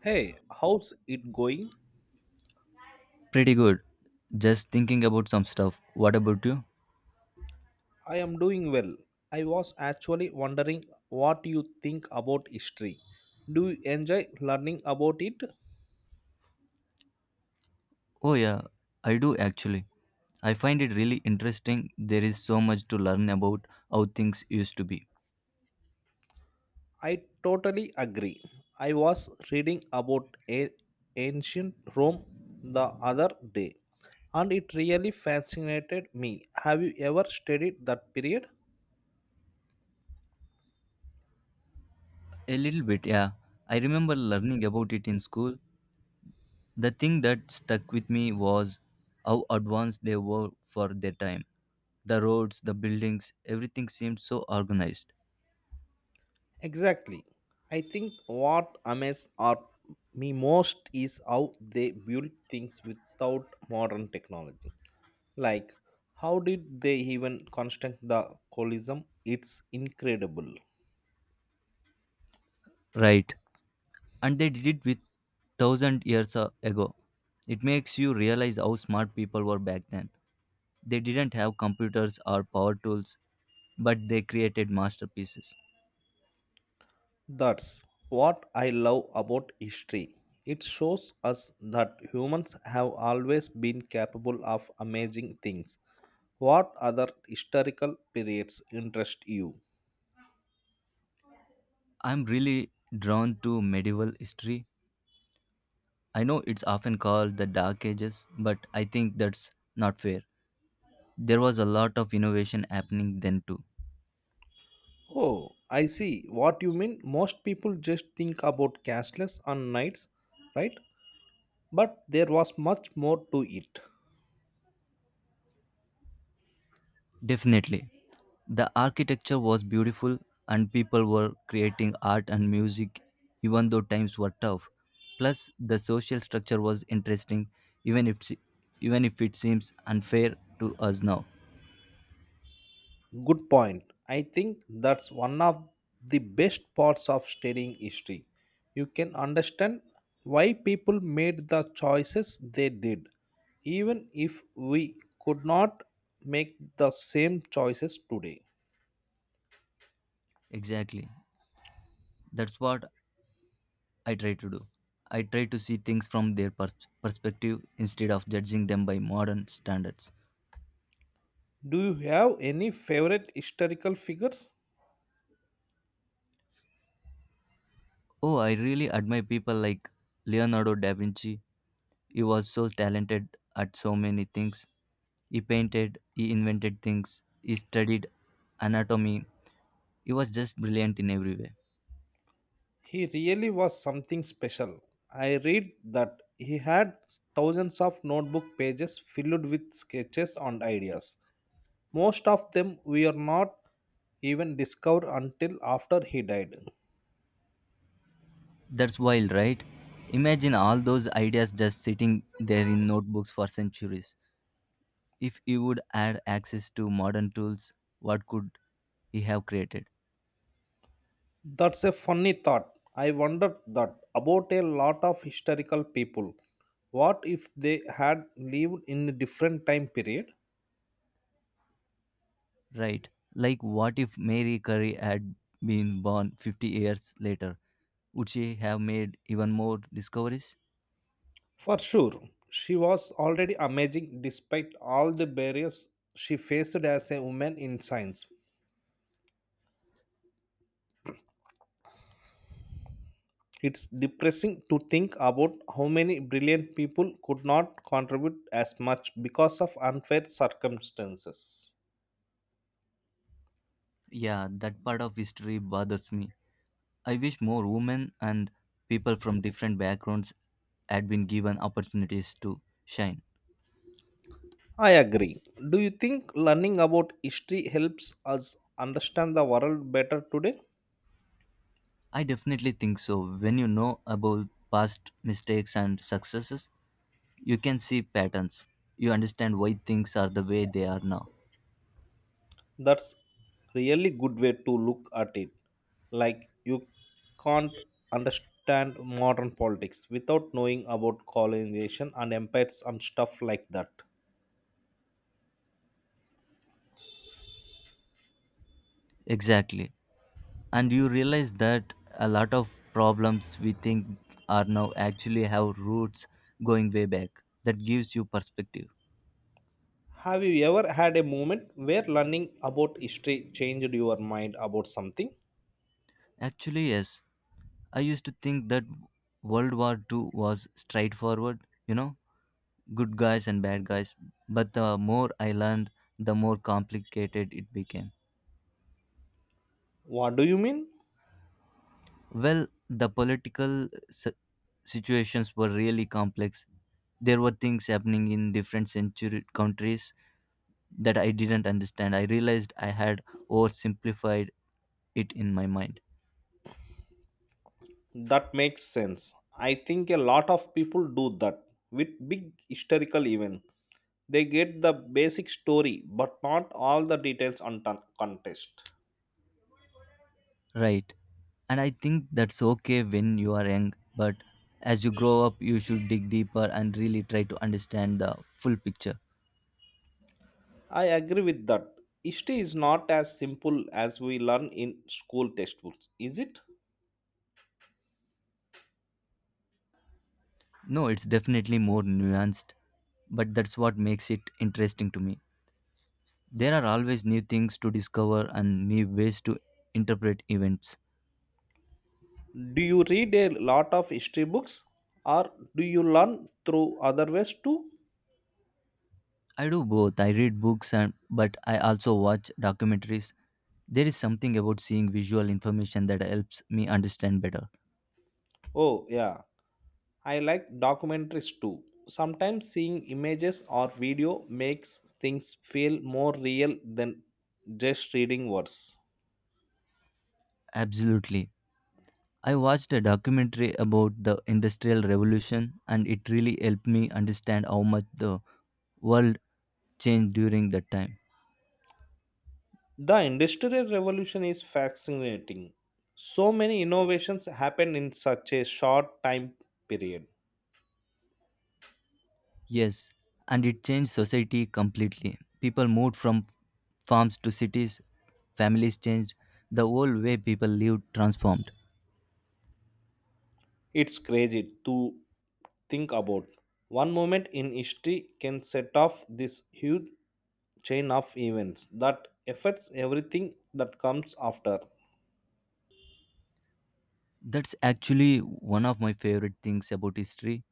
Hey, how's it going? Pretty good. Just thinking about some stuff. What about you? I am doing well. I was actually wondering what you think about history. Do you enjoy learning about it? Oh, yeah, I do actually. I find it really interesting. There is so much to learn about how things used to be. I totally agree. I was reading about ancient Rome the other day and it really fascinated me. Have you ever studied that period? A little bit, yeah. I remember learning about it in school. The thing that stuck with me was how advanced they were for their time. The roads, the buildings, everything seemed so organized. Exactly. I think what amazes are me most is how they build things without modern technology. Like, how did they even construct the colosseum? It's incredible. Right. And they did it with 1,000 years ago. It makes you realize how smart people were back then. They didn't have computers or power tools, but they created masterpieces. That's what I love about history. It shows us that humans have always been capable of amazing things. What other historical periods interest you? I'm really drawn to medieval history. I know it's often called the Dark Ages, but I think that's not fair. There was a lot of innovation happening then too. Oh, I see what you mean. Most people just think about castles and knights, right? But there was much more to it. Definitely. The architecture was beautiful and people were creating art and music even though times were tough. Plus the social structure was interesting even if even if it seems unfair to us now. Good point. I think that's one of the best parts of studying history. You can understand why people made the choices they did, even if we could not make the same choices today. Exactly. That's what I try to do. I try to see things from their perspective instead of judging them by modern standards. Do you have any favorite historical figures? Oh, I really admire people like Leonardo da Vinci. He was so talented at so many things. He painted, he invented things, he studied anatomy. He was just brilliant in every way. He really was something special. I read that he had thousands of notebook pages filled with sketches and ideas. Most of them were not even discovered until after he died. That's wild, right? Imagine all those ideas just sitting there in notebooks for centuries. If he would add access to modern tools, what could he have created? That's a funny thought. I wondered that about a lot of historical people. What if they had lived in a different time period? Right? Like, what if Mary Curry had been born 50 years later? Would she have made even more discoveries? For sure, she was already amazing despite all the barriers she faced as a woman in science. It's depressing to think about how many brilliant people could not contribute as much because of unfair circumstances. Yeah, that part of history bothers me. I wish more women and people from different backgrounds had been given opportunities to shine. I agree. Do you think learning about history helps us understand the world better today? I definitely think so. When you know about past mistakes and successes, you can see patterns. You understand why things are the way they are now. That's really good way to look at it. Like you can't understand modern politics without knowing about colonization and empires and stuff like that. Exactly. And you realize that a lot of problems we think are now actually have roots going way back. That gives you perspective. Have you ever had a moment where learning about history changed your mind about something? Actually, yes. I used to think that World War II was straightforward, you know, good guys and bad guys. But the more I learned, the more complicated it became. What do you mean? Well, the political situations were really complex. There were things happening in different century countries that I didn't understand. I realized I had oversimplified it in my mind. That makes sense. I think a lot of people do that with big historical event. They get the basic story but not all the details on context. Right. And I think that's okay when you are young, but as you grow up, you should dig deeper and really try to understand the full picture. I agree with that. History is not as simple as we learn in school textbooks, is it? No, it's definitely more nuanced, but that's what makes it interesting to me. There are always new things to discover and new ways to interpret events. Do you read a lot of history books or do you learn through other ways too? I do both. I read books and but I also watch documentaries. There is something about seeing visual information that helps me understand better. Oh, yeah. I like documentaries too. Sometimes seeing images or video makes things feel more real than just reading words. Absolutely. I watched a documentary about the Industrial Revolution and it really helped me understand how much the world changed during that time. The industrial revolution is fascinating. So many innovations happened in such a short time period. Yes, and it changed society completely. People moved from farms to cities, families changed, the whole way people lived transformed. It's crazy to think about. One moment in history can set off this huge chain of events that affects everything that comes after. That's actually one of my favorite things about history,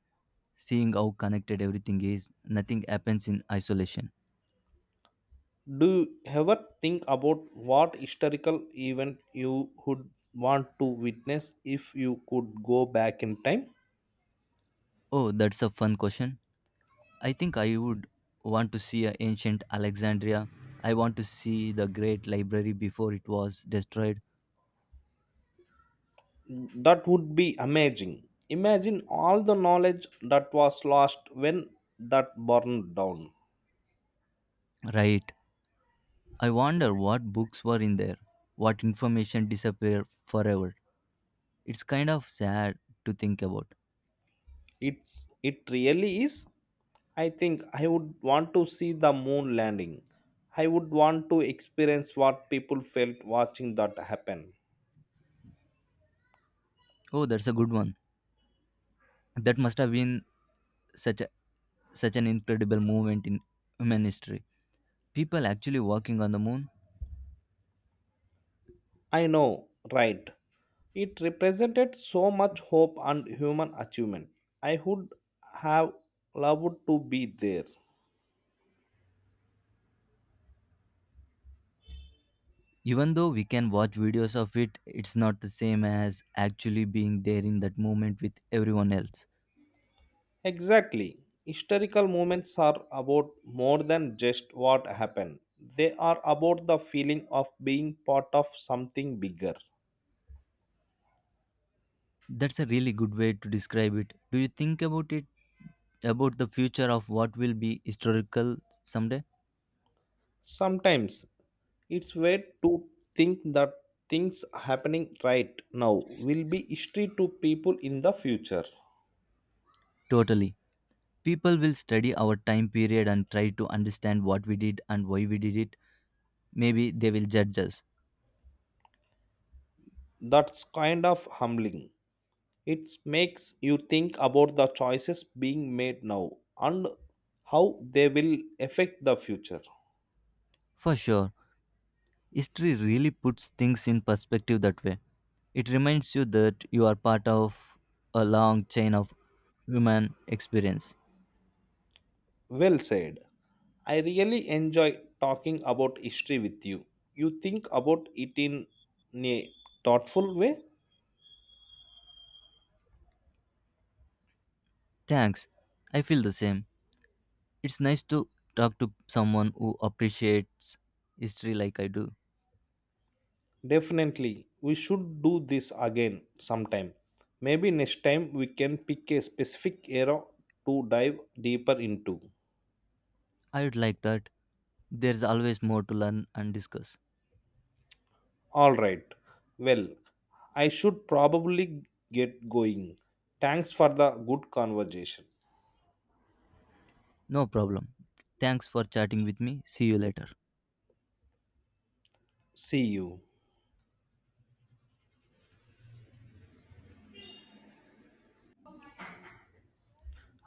seeing how connected everything is. Nothing happens in isolation. Do you ever think about what historical event you would want to witness if you could go back in time? Oh, that's a fun question. I think I would want to see a ancient Alexandria. I want to see the great library before it was destroyed. That would be amazing. Imagine all the knowledge that was lost when that burned down. Right. I wonder what books were in there, what information disappeared forever. It's kind of sad to think about. It really is. I think I would want to see the moon landing. I would want to experience what people felt watching that happen. Oh, that's a good one. That must have been such a, such an incredible moment in human history. People actually walking on the moon. I know, right? It represented so much hope and human achievement. I would have loved to be there. Even though we can watch videos of it, it's not the same as actually being there in that moment with everyone else. Exactly. Historical moments are about more than just what happened. They are about the feeling of being part of something bigger. That's a really good way to describe it. Do you think about the future of what will be historical someday? Sometimes it's weird to think that things happening right now will be history to people in the future. Totally. People will study our time period and try to understand what we did and why we did it. Maybe they will judge us. That's kind of humbling. It makes you think about the choices being made now and how they will affect the future. For sure, history really puts things in perspective that way. It reminds you that you are part of a long chain of human experience. Well said. I really enjoy talking about history with you. You think about it in a thoughtful way? Thanks. I feel the same. It's nice to talk to someone who appreciates history like I do. Definitely. We should do this again sometime. Maybe next time we can pick a specific era to dive deeper into. I would like that. There's always more to learn and discuss. All right. Well, I should probably get going. Thanks for the good conversation. No problem. Thanks for chatting with me. See you later. See you.